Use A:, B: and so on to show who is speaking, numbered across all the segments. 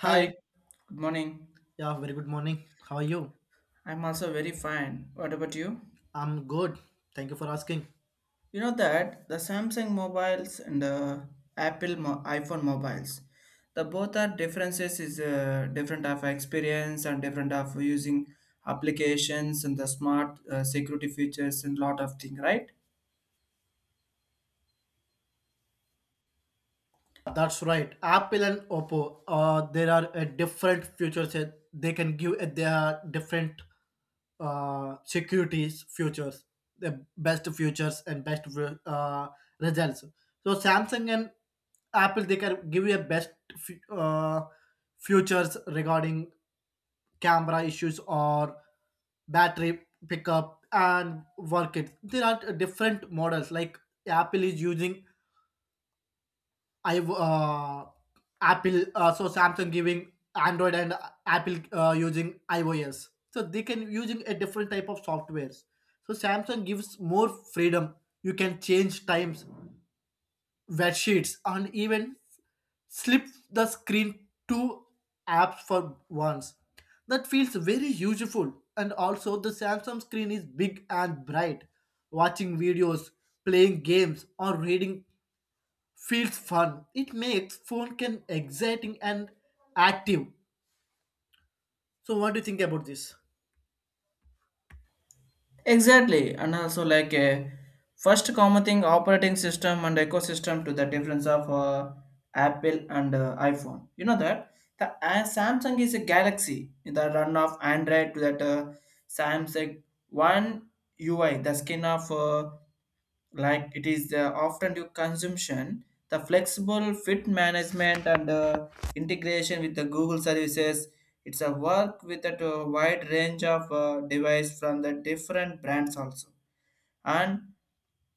A: Hi,
B: Hi,
A: good morning.
B: yeah, very good morning. How are you?
A: I'm also very fine. What about you?
B: I'm good. Thank you for asking.
A: You know that the Samsung mobiles and the iPhone mobiles, the both are differences is different of experience and different of using applications and the smart security features and lot of thing, right?
B: That's right. Apple and Oppo, there are a different futures that they can give. They are different securities futures, the best futures and best uh, results. So Samsung and Apple, they can give you a best fu- uh, futures regarding camera issues or battery pickup and work it there are different models like Apple is using I Apple so Samsung giving Android and Apple using iOS so they can using a different type of softwares so Samsung gives more freedom you can change times wet sheets and even slip the screen two apps for once. That feels very useful. And also, the Samsung screen is big and bright. Watching videos, playing games, or reading feels fun. It makes phone can exciting and active. So, what do you think about this?
A: Exactly, and also like a first common thing operating system and ecosystem to the difference of Apple and iPhone. You know that the Samsung is a Galaxy in the run of Android to that Samsung One UI, the skin of like it is often due consumption the flexible fit management and integration with the google services. It's a work with a wide range of device from the different brands also. And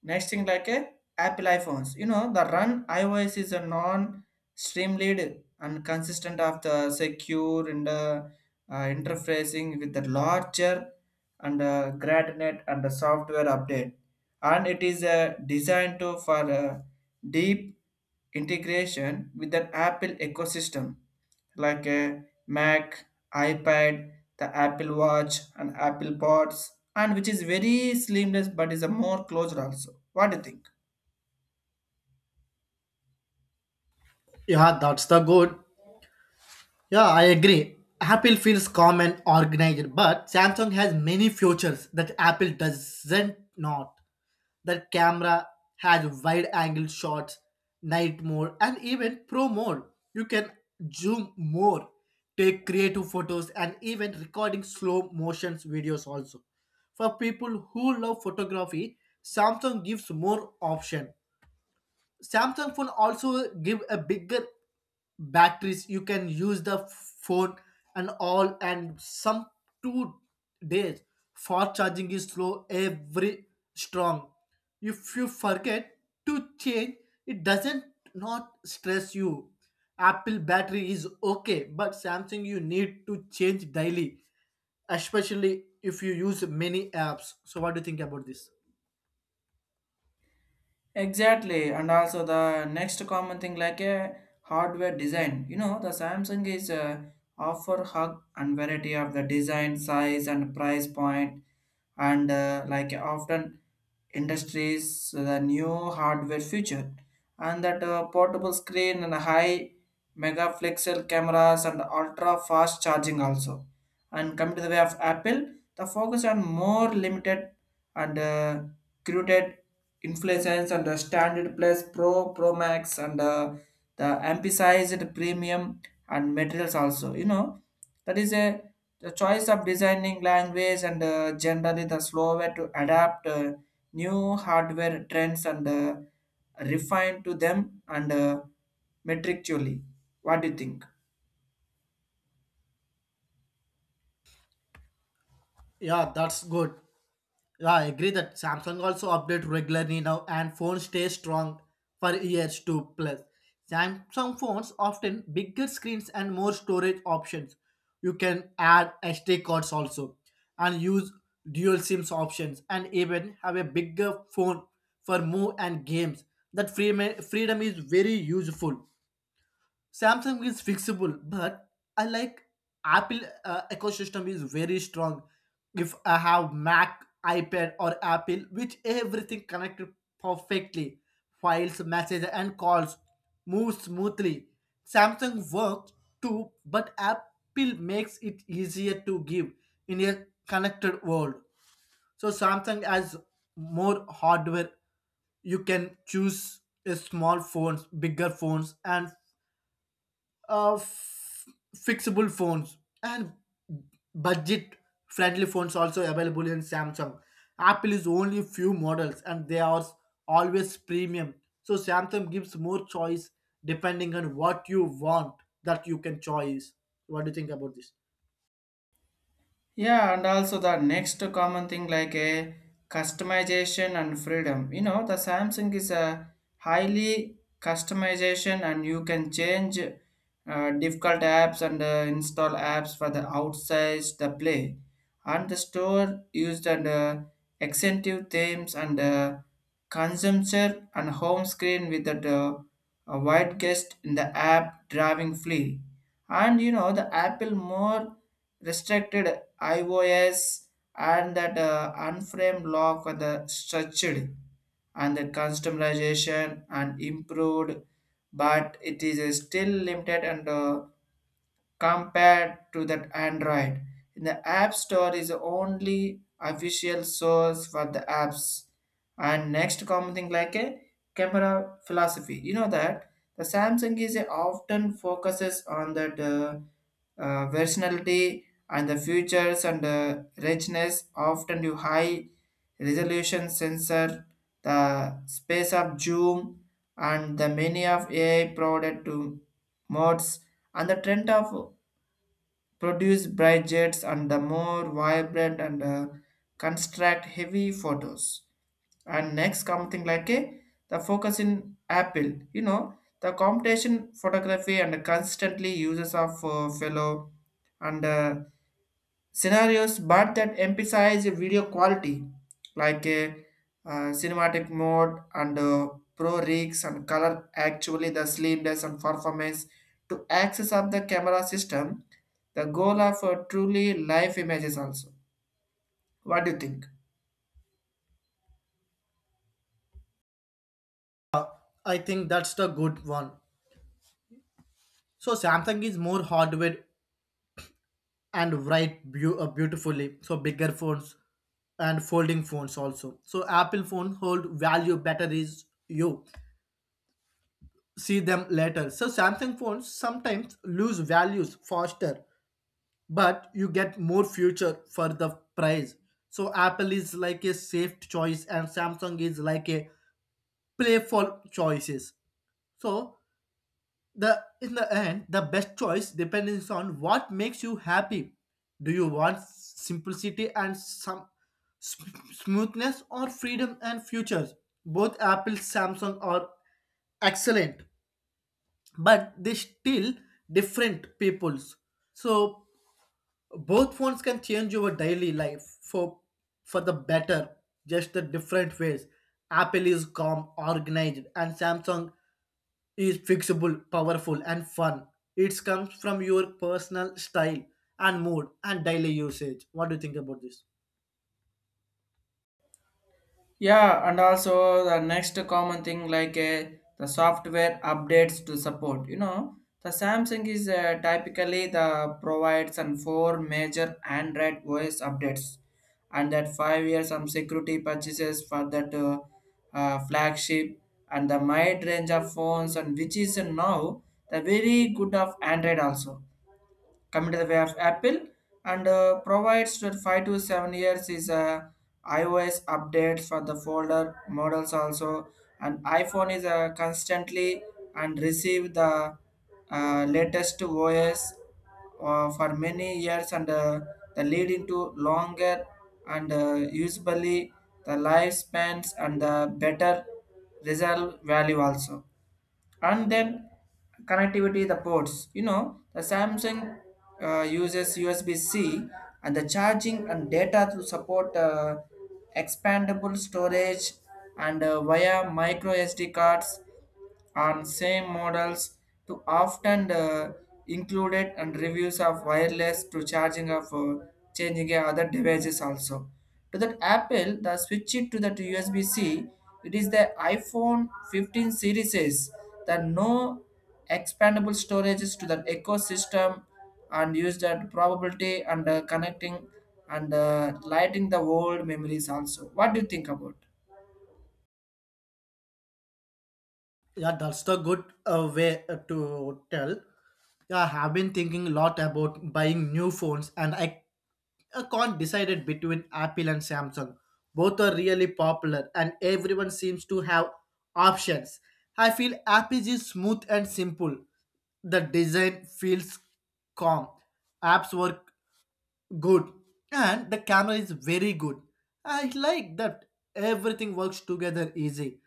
A: next thing like a apple iphones, you know the run ios is a non streamlined and consistent of the secure and interfacing with the larger and gradient and the software update, and it is designed to, for deep integration with an Apple ecosystem like a Mac, iPad, the Apple Watch, and Apple Pods, and which is very seamless but is a more closed also. What do you think?
B: Yeah, that's the good. Yeah, I agree. Apple feels calm and organized, but Samsung has many features that Apple doesn't not. The camera has wide angle shots, night mode, and even pro mode. You can zoom more, take creative photos, and even recording slow motions videos also. For people who love photography, Samsung gives more option. Samsung phone also give a bigger batteries you can use the phone and all and some 2 days fast charging is slow every strong if you forget to change it doesn't not stress you. Apple battery is okay but Samsung you need to change daily especially if you use many apps. So what do you think about this?
A: Exactly, and also the next common thing like a hardware design. You know, the Samsung is offer hug and variety of the design, size, and price point, and like often industries the new hardware feature, and that portable screen and high megapixel cameras and ultra fast charging also. And come to the way of apple, the focus on more limited and curated inflations and the standard plus pro pro max and the emphasized premium and materials also. You know that is a the choice of designing language and generally the slower to adapt new hardware trends and refine to them and metrically. What do you think?
B: Yeah, that's good. Yeah, I agree that Samsung also update regularly now and phones stay strong for years to plus. Samsung phones often bigger screens and more storage options. You can add SD cards also and use dual SIMs options and even have a bigger phone for move and games. That freedom is very useful. Samsung is fixable, but I like Apple ecosystem is very strong. If I have Mac, iPad, or Apple, which everything connected perfectly, files, messages, and calls move smoothly. Samsung works too, but Apple makes it easier to give in a connected world. So Samsung has more hardware. You can choose a small phones, bigger phones, and uh, f- fixable phones and budget friendly phones also available in Samsung. Apple is only few models and they are always premium, so Samsung gives more choice depending on what you want that you can choose. What do you think about this?
A: Yeah, and also the next common thing like a customization and freedom. You know, the Samsung is a highly customization, and you can change difficult apps and install apps for the outside the play, and the store used and extensive themes and consumption and home screen with the a wide guest in the app driving free, and you know the Apple more restricted iOS and that unframed law for the structured and the customization and improved, but it is still limited and compared to that Android. In the App Store is only official source for the apps. And next common thing like a camera philosophy. You know that the Samsung is a often focuses on that versatility and the features and richness. Often you high resolution sensor, the space of Zoom and the many of AI provided to modes and the trend of produce bright jets and the more vibrant and construct heavy photos. And next something like a the focus in Apple, you know, the competition photography and the constantly uses of fellow and scenarios but that emphasize video quality like a cinematic mode and pro rigs and color actually the slimness and performance to access of the camera system, the goal of truly live images also. What do you think?
B: I think that's the good one. So Samsung is more hardware and write beautifully so bigger phones and folding phones also. So Apple phone hold value better is you see them later. So Samsung phones sometimes lose values faster, but you get more future for the price. So Apple is like a safe choice and Samsung is like a playful choices. So the in the end, the best choice depends on what makes you happy. Do you want simplicity and some s- smoothness or freedom and futures? Both Apple, Samsung are excellent but they still different peoples, so both phones can change your daily life for the better, just the different ways. Apple is calm organized and Samsung is fixable powerful and fun. It comes from your personal style and mood and daily usage. What do you think about this?
A: Yeah, and also the next common thing like the software updates to support. You know, the Samsung is typically the provides and 4 major Android OS updates, and that 5 years some security purchases for that flagship and the wide range of phones and which is now the very good of Android also. Coming to the way of Apple and provides that 5 to 7 years is iOS updates for the folder models also. And iPhone is constantly and receive the latest OS for many years and the leading to longer and usually the lifespans and the better result value also. And then connectivity the ports, you know the samsung uses USB-C and the charging and data to support expandable storage and via micro SD cards on same models to often included and reviews of wireless to charging of changing other devices also. To that Apple, the switch it to that USB-C, it is the iPhone 15 series is that no expandable storages to that ecosystem and use that probability and connecting and lighting the old memories also. What do you think about?
B: Yeah, that's the good way to tell. Yeah, I have been thinking a lot about buying new phones, and I can't decide it between Apple and Samsung. Both are really popular, and everyone seems to have options. I feel Apple is smooth and simple. The design feels calm. Apps work good, and the camera is very good. I like that everything works together easy.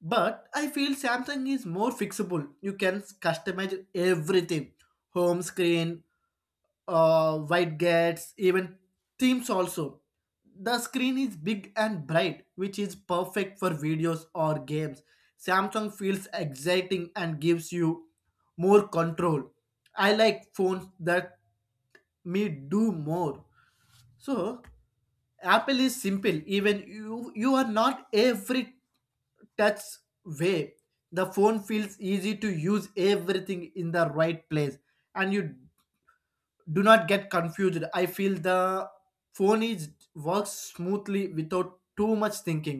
B: But I feel Samsung is more fixable. You can customize everything home screen, white gates, even themes also. The screen is big and bright, which is perfect for videos or games. Samsung feels exciting and gives you more control. I like phones that me do more. So Apple is simple. Even you are not every touch way, the phone feels easy to use, everything in the right place and you do not get confused. I feel the phone is works smoothly without too much thinking.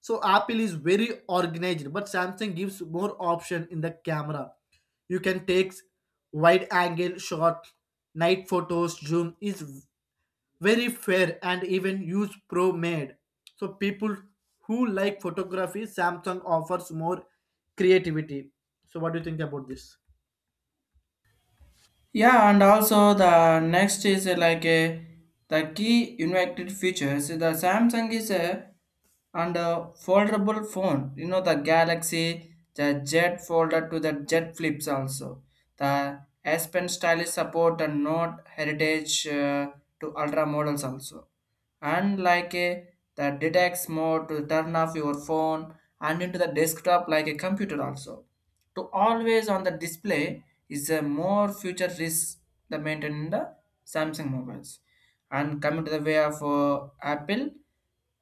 B: So Apple is very organized but Samsung gives more option in the camera. You can take wide angle shot, night photos, zoom is very fair and even use pro made. So people who like photography, Samsung offers more creativity. So what do you think about this?
A: Yeah, and also the next is like a the key invented features. So, the Samsung is a and a foldable phone. You know the Galaxy, the Jet folder to the Jet flips also. The S Pen stylish support and Note heritage to ultra models also. And like a the detects mode to turn off your phone and into the desktop like a computer also to always on the display is a more future risk the maintain in the Samsung mobiles. And coming to the way of Apple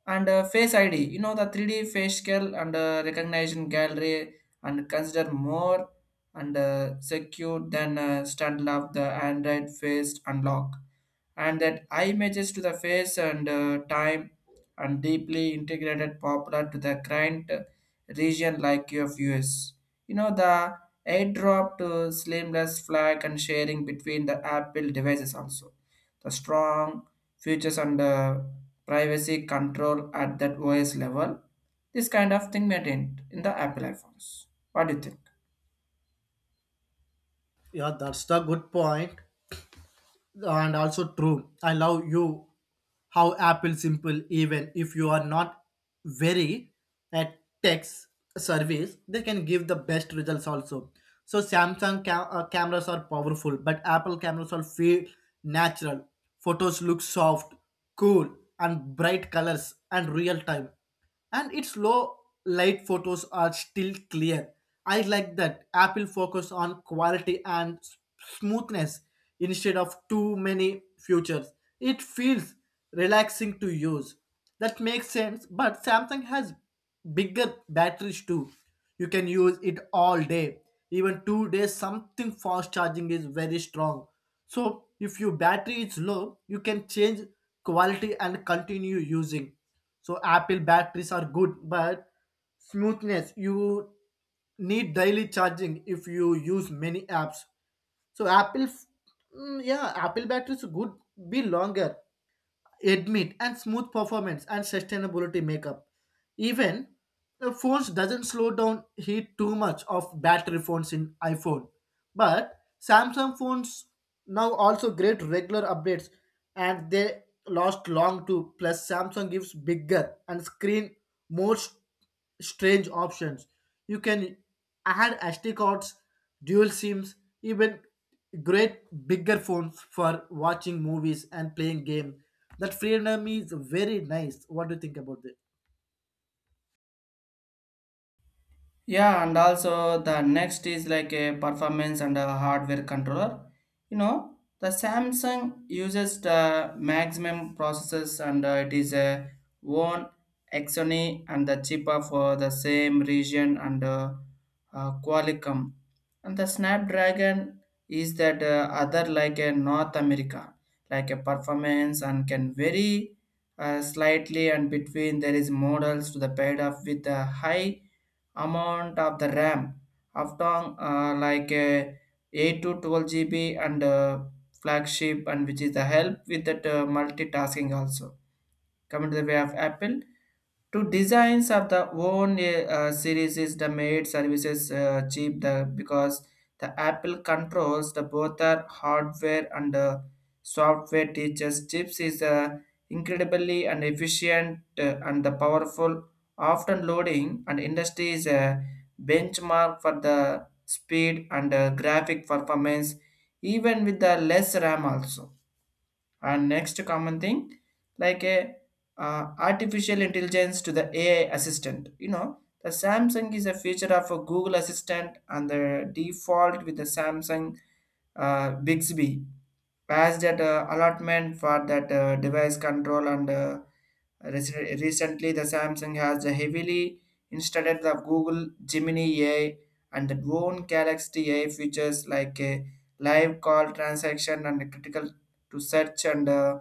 A: and Face ID, you know the 3D facial and recognition gallery and consider more and secure than standard of the Android face unlock and that eye images to the face and time and deeply integrated popular to the client region like of US. You know, the airdrop to slimless flag and sharing between the Apple devices also. The strong features and the privacy control at that OS level. This kind of thing maintained in the Apple iPhones. What do you think?
B: Yeah, that's the good point and also true. I love you. How Apple simple, even if you are not very at tech service, they can give the best results also. So Samsung cameras are powerful, but Apple cameras are feel natural. Photos look soft, cool, and bright colors and real time and its low light photos are still clear. I like that Apple focus on quality and smoothness instead of too many features. It feels relaxing to use. That makes sense, but Samsung has bigger batteries too. You can use it all day. Even 2 days, something fast charging is very strong. So if your battery is low, you can change quality and continue using. So Apple batteries are good, but smoothness you need daily charging if you use many apps. So yeah, Apple batteries good be longer, admit and smooth performance and sustainability makeup. Even the phones doesn't slow down heat too much of battery phones in iPhone. But Samsung phones now also great regular updates and they last long too. Plus Samsung gives bigger and screen more strange options. You can add SD cards, dual SIMs, even great bigger phones for watching movies and playing game. That freedom is very nice. What do you think about it?
A: Yeah, and also the next is like a performance and a hardware controller. You know, the Samsung uses the maximum processors and it is a one Exoni and the cheaper for the same region and Qualcomm. And the Snapdragon is that other like a North America, like a performance and can vary slightly and between there is models to the paid off with a high amount of the RAM of down, like 8 to 12 GB and flagship and which is the help with that multitasking also. Coming to the way of Apple, to designs of the own series is the made services cheap the, because the apple controls the both are hardware and software teaches chips is incredibly and efficient and the powerful often loading and industry is a benchmark for the speed and graphic performance even with the less RAM also. And next common thing, like a artificial intelligence to the AI assistant. You know, the Samsung is a feature of a Google Assistant and the default with the Samsung Bixby. Pass that allotment for that device control and recently the Samsung has heavily installed the Google Gemini AI and the own Galaxy AI features like a live call transaction and critical to search and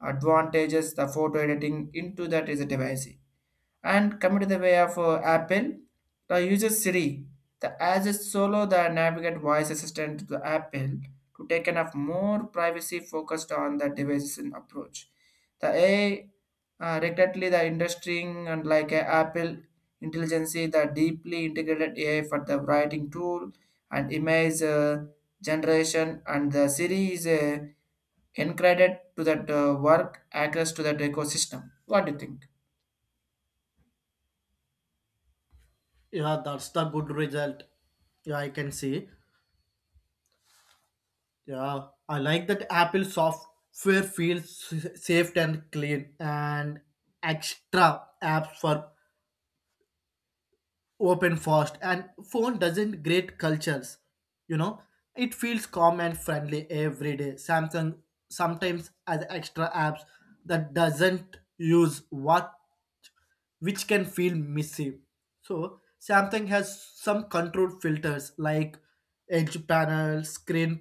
A: advantages the photo editing into that is a device. And coming to the way of Apple, the user Siri, the as a solo the navigate voice assistant to the Apple to take an of more privacy focused on the devices and approach. The AI regrettably the industry and like Apple intelligence the deeply integrated AI for the writing tool and image generation and the Siri is a encredit to that work access to that ecosystem. What do you think?
B: Yeah, that's the good result. Yeah, I can see. Yeah, I like that Apple software feels safe and clean and extra apps for open fast and phone doesn't create cultures, you know. It feels calm and friendly every day. Samsung sometimes has extra apps that doesn't use what, which can feel messy. So Samsung has some control filters like edge panel screen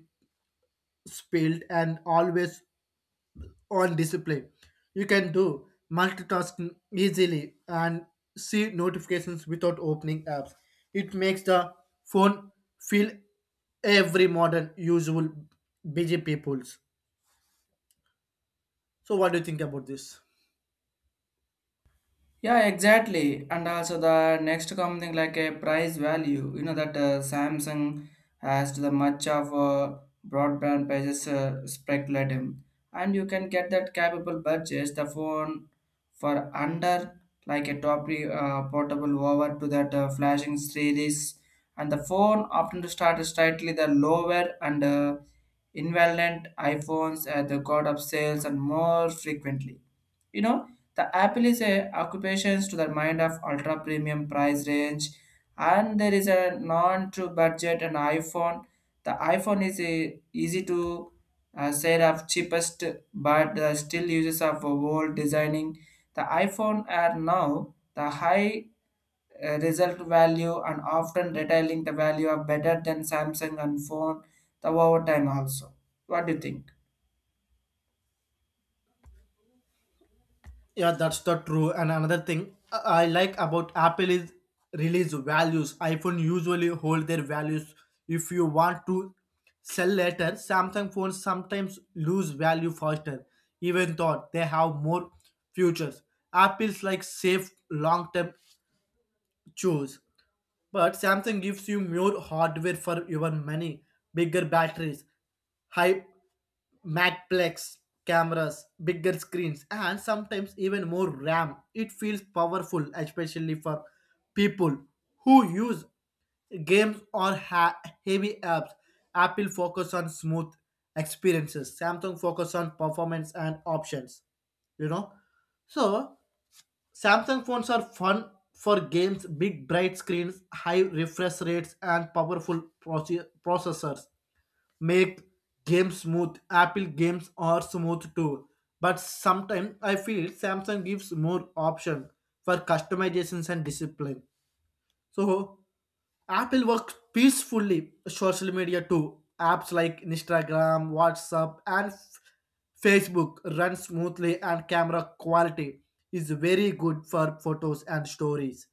B: spilled and always on discipline. You can do multitasking easily and see notifications without opening apps. It makes the phone feel every modern, usual, busy people's. So, what do you think about this?
A: Yeah, exactly. And also the next something like a price value. You know that Samsung has the much of broadband prices speculatum, and you can get that capable purchase the phone for under like a portable over to that flashing series, and the phone often starts slightly the lower and invalent iPhones at the god of sales and more frequently. You know, the Apple is a occupations to the mind of ultra premium price range, and there is a non to budget and iPhone. The iPhone is a easy to say of cheapest, but still uses of old designing. The iPhone are now the high result value and often detailing the value of better than Samsung and phone the over time also. What do you think?
B: Yeah, that's the true. And another thing I like about Apple is release values. iPhone usually hold their values if you want to sell later. Samsung phones sometimes lose value faster, even though they have more futures. Apple's like safe long term choose. But Samsung gives you more hardware for your money, bigger batteries, high Matplex cameras, bigger screens, and sometimes even more RAM. It feels powerful, especially for people who use games or heavy apps. Apple focus on smooth experiences. Samsung focus on performance and options. You know, so Samsung phones are fun for games, big bright screens, high refresh rates, and powerful processors make games smooth. Apple games are smooth too, but sometimes I feel Samsung gives more option for customizations and discipline. So Apple works peacefully social media too. Apps like Instagram, WhatsApp, and Facebook run smoothly, and camera quality is very good for photos and stories.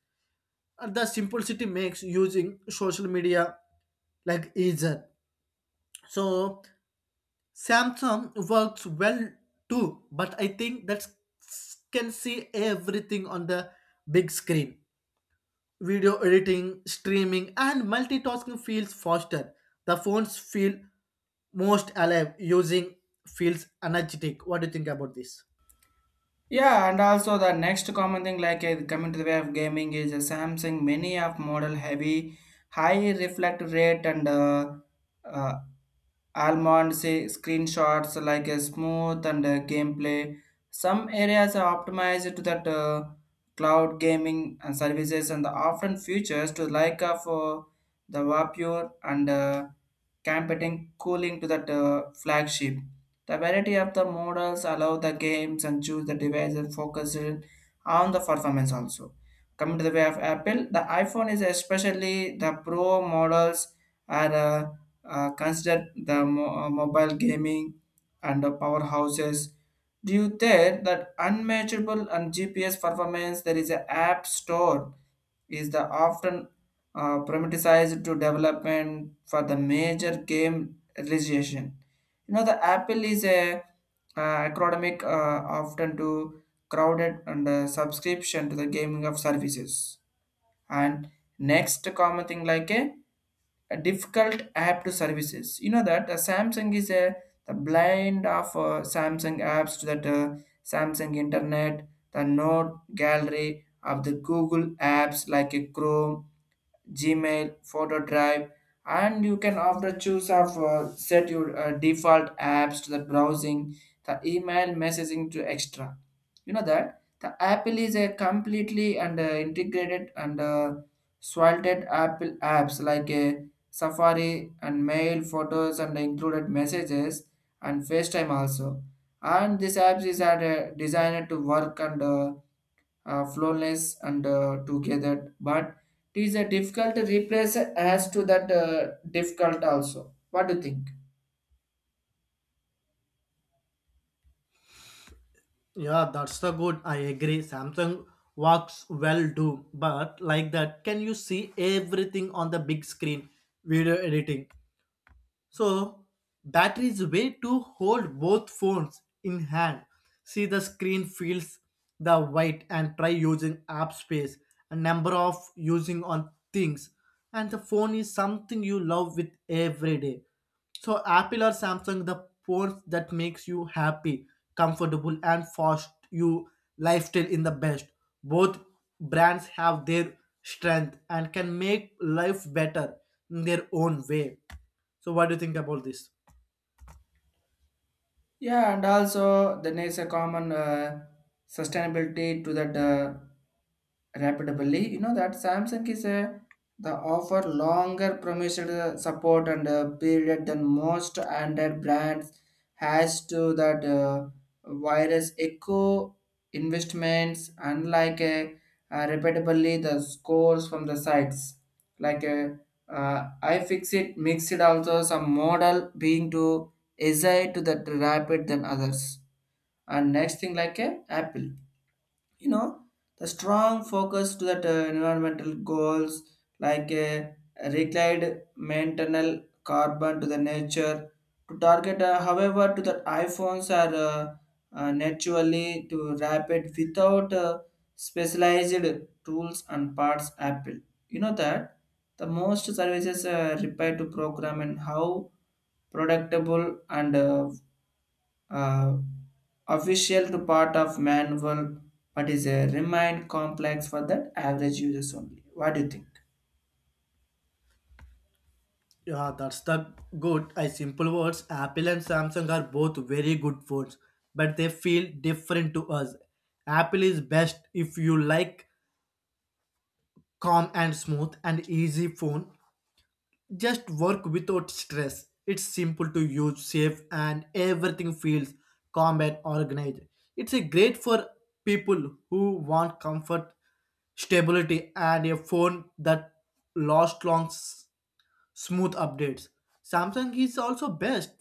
B: And the simplicity makes using social media like easier. So Samsung works well too, but I think that can see everything on the big screen. Video editing, streaming, and multitasking feels faster. The phones feel most alive. Using feels energetic. What do you think about this?
A: Yeah, and also the next common thing like coming to the way of gaming is Samsung many of model heavy, high reflect rate and uh, Almond say screenshots like a smooth and gameplay. Some areas are optimized to that cloud gaming and services and the often features to like of the Vapure and competing cooling to that flagship. The variety of the models allow the games and choose the device and focus in on the performance also. Coming to the way of Apple, the iPhone is especially the Pro models are consider the mobile gaming and the powerhouses due there that unmatchable and gps performance. There is a app store is the often privatized to development for the major game registration. You know the apple is a uh, academic often to crowded and subscription to the gaming of services, and next common thing like a difficult app to services. You know that Samsung is a the blind of Samsung apps to that Samsung Internet, the Note Gallery of the Google apps like a Chrome, Gmail, photo drive, and you can after choose of set your default apps to the browsing, the email messaging to extra. You know that the Apple is a completely and integrated and salted Apple apps like a Safari and mail photos and included messages and FaceTime also. And this apps is are, designed to work and flawless and together, but it is a difficult to replace as to that difficult also. What do you think?
B: Yeah, that's the good. I agree. Samsung works well too, but like that, can you see everything on the big screen? Video editing, so batteries way to hold both phones in hand. See the screen feels the weight and try using app space, a number of using on things. And the phone is something you love with every day. So Apple or Samsung, the phones that makes you happy, comfortable, and fast you lifestyle in the best. Both brands have their strength and can make life better in their own way. So what do you think about this?
A: Yeah, and also then is a common sustainability to that rapidly. You know that Samsung is a the offer longer promised support and period than most Android brands has to that virus echo investments, unlike a repeatably the scores from the sites like a iFixit mixed, also some model being to easy to that rapid than others. And next thing like a Apple, you know the strong focus to that environmental goals like reclaimed maintenance carbon to the nature to target however to the iphones are naturally to rapid without specialized tools and parts. Apple, you know that the most services repair to program and how productable and uh, official to part of manual, but is a remain complex for that average users only. What do you think?
B: Yeah, that's the good. I simple words. Apple and Samsung are both very good phones, but they feel different to us. Apple is best if you like calm and smooth and easy phone. Just work without stress. It's simple to use, safe, and everything feels calm and organized. It's a great for people who want comfort stability and a phone that lasts long smooth updates. Samsung is also best.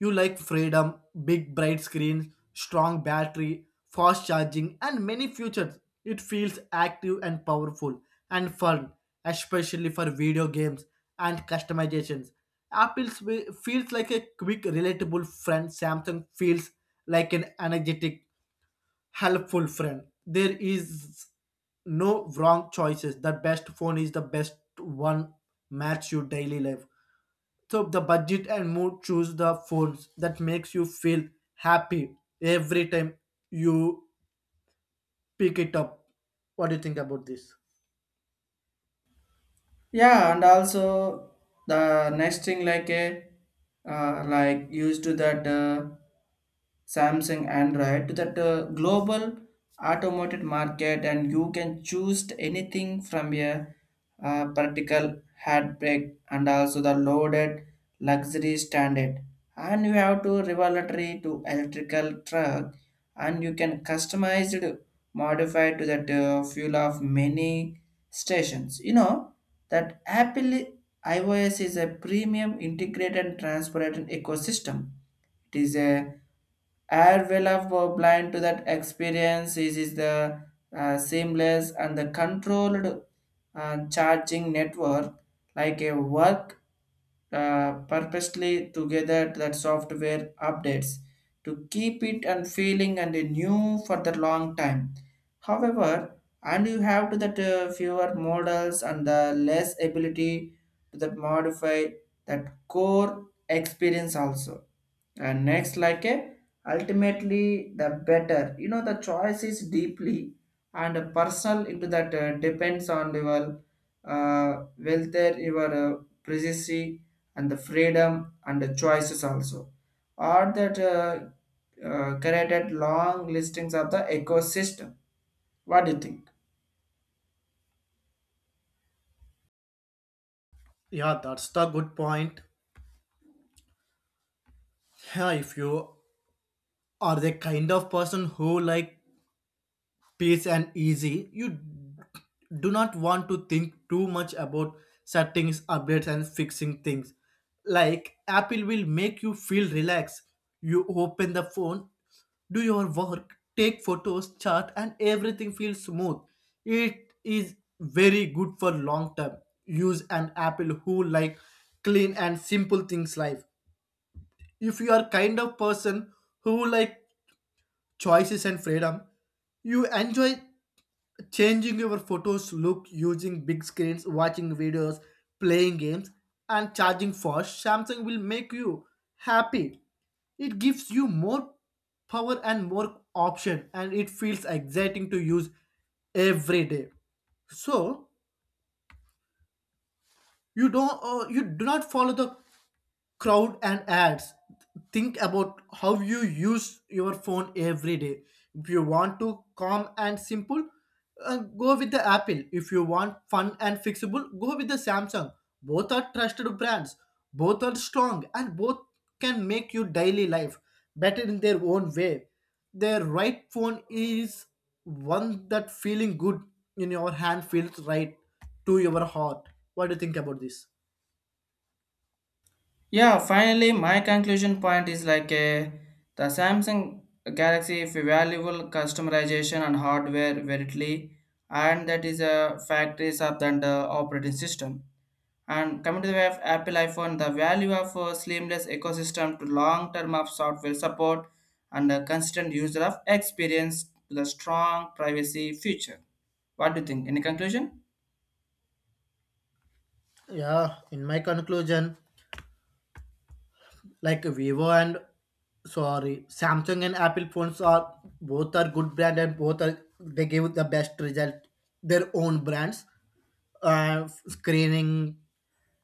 B: You like freedom, big bright screens, strong battery, fast charging, and many features. It feels active and powerful and fun, especially for video games and customizations. Apple feels like a quick, relatable friend. Samsung feels like an energetic, helpful friend. There is no wrong choices. The best phone is the best one match your daily life, so the budget and mood choose the phones that makes you feel happy every time you pick it up. What do you think about this?
A: Yeah, and also the next thing like a like used to that. Samsung, Android to that global automotive market, and you can choose anything from a particle handbrake and also the loaded luxury standard. And you have to revelatory to electrical truck, and you can customize it, modify to that fuel of many stations. You know that Apple iOS is a premium integrated and transparent ecosystem. It is a Air will have blind to that experience. Is the seamless and the controlled charging network, like a work purposely together to that software updates to keep it and feeling and new for the long time. However, and you have to that fewer models and the less ability to that modify that core experience also. And next like a ultimately the better, you know the choice is deeply and personal into that depends on your welfare, your privacy and the freedom and the choices also, or that created long listings of the ecosystem. What do you think?
B: Yeah, that's the good point. Yeah, if you are the kind of person who like peace and easy. You do not want to think too much about settings, updates, and fixing things. Like Apple will make you feel relaxed. You open the phone, do your work, take photos, chat, and everything feels smooth. It is very good for long term use and Apple who like clean and simple things life. If you are kind of person who like choices and freedom, you enjoy changing your photos look, using big screens, watching videos, playing games and charging fast. Samsung will make you happy. It gives you more power and more option and it feels exciting to use every day. So you do not follow the crowd and ads. Think about how you use your phone every day. If you want to calm and simple, go with the Apple. If you want fun and fixable, go with the Samsung. Both are trusted brands, both are strong and both can make your daily life better in their own way. Their right phone is one that feeling good in your hand, feels right to your heart. What do you think about this?
A: Yeah, finally, my conclusion point is like a the Samsung Galaxy is valuable customization and hardware verily, and that is a factories of the operating system. And coming to the way of Apple iPhone, the value of a seamless ecosystem to long term of software support and a constant user of experience to the strong privacy feature. What do you think? Any conclusion?
B: Yeah, in my conclusion, like Vivo and sorry, Samsung and Apple phones are both are good brand and both are they give the best result. Their own brands, screening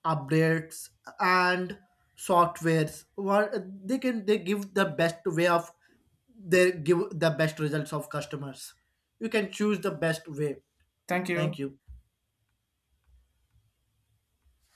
B: updates and softwares. What they can they give the best way of they give the best results of customers. You can choose the best way.
A: Thank you.
B: Thank you.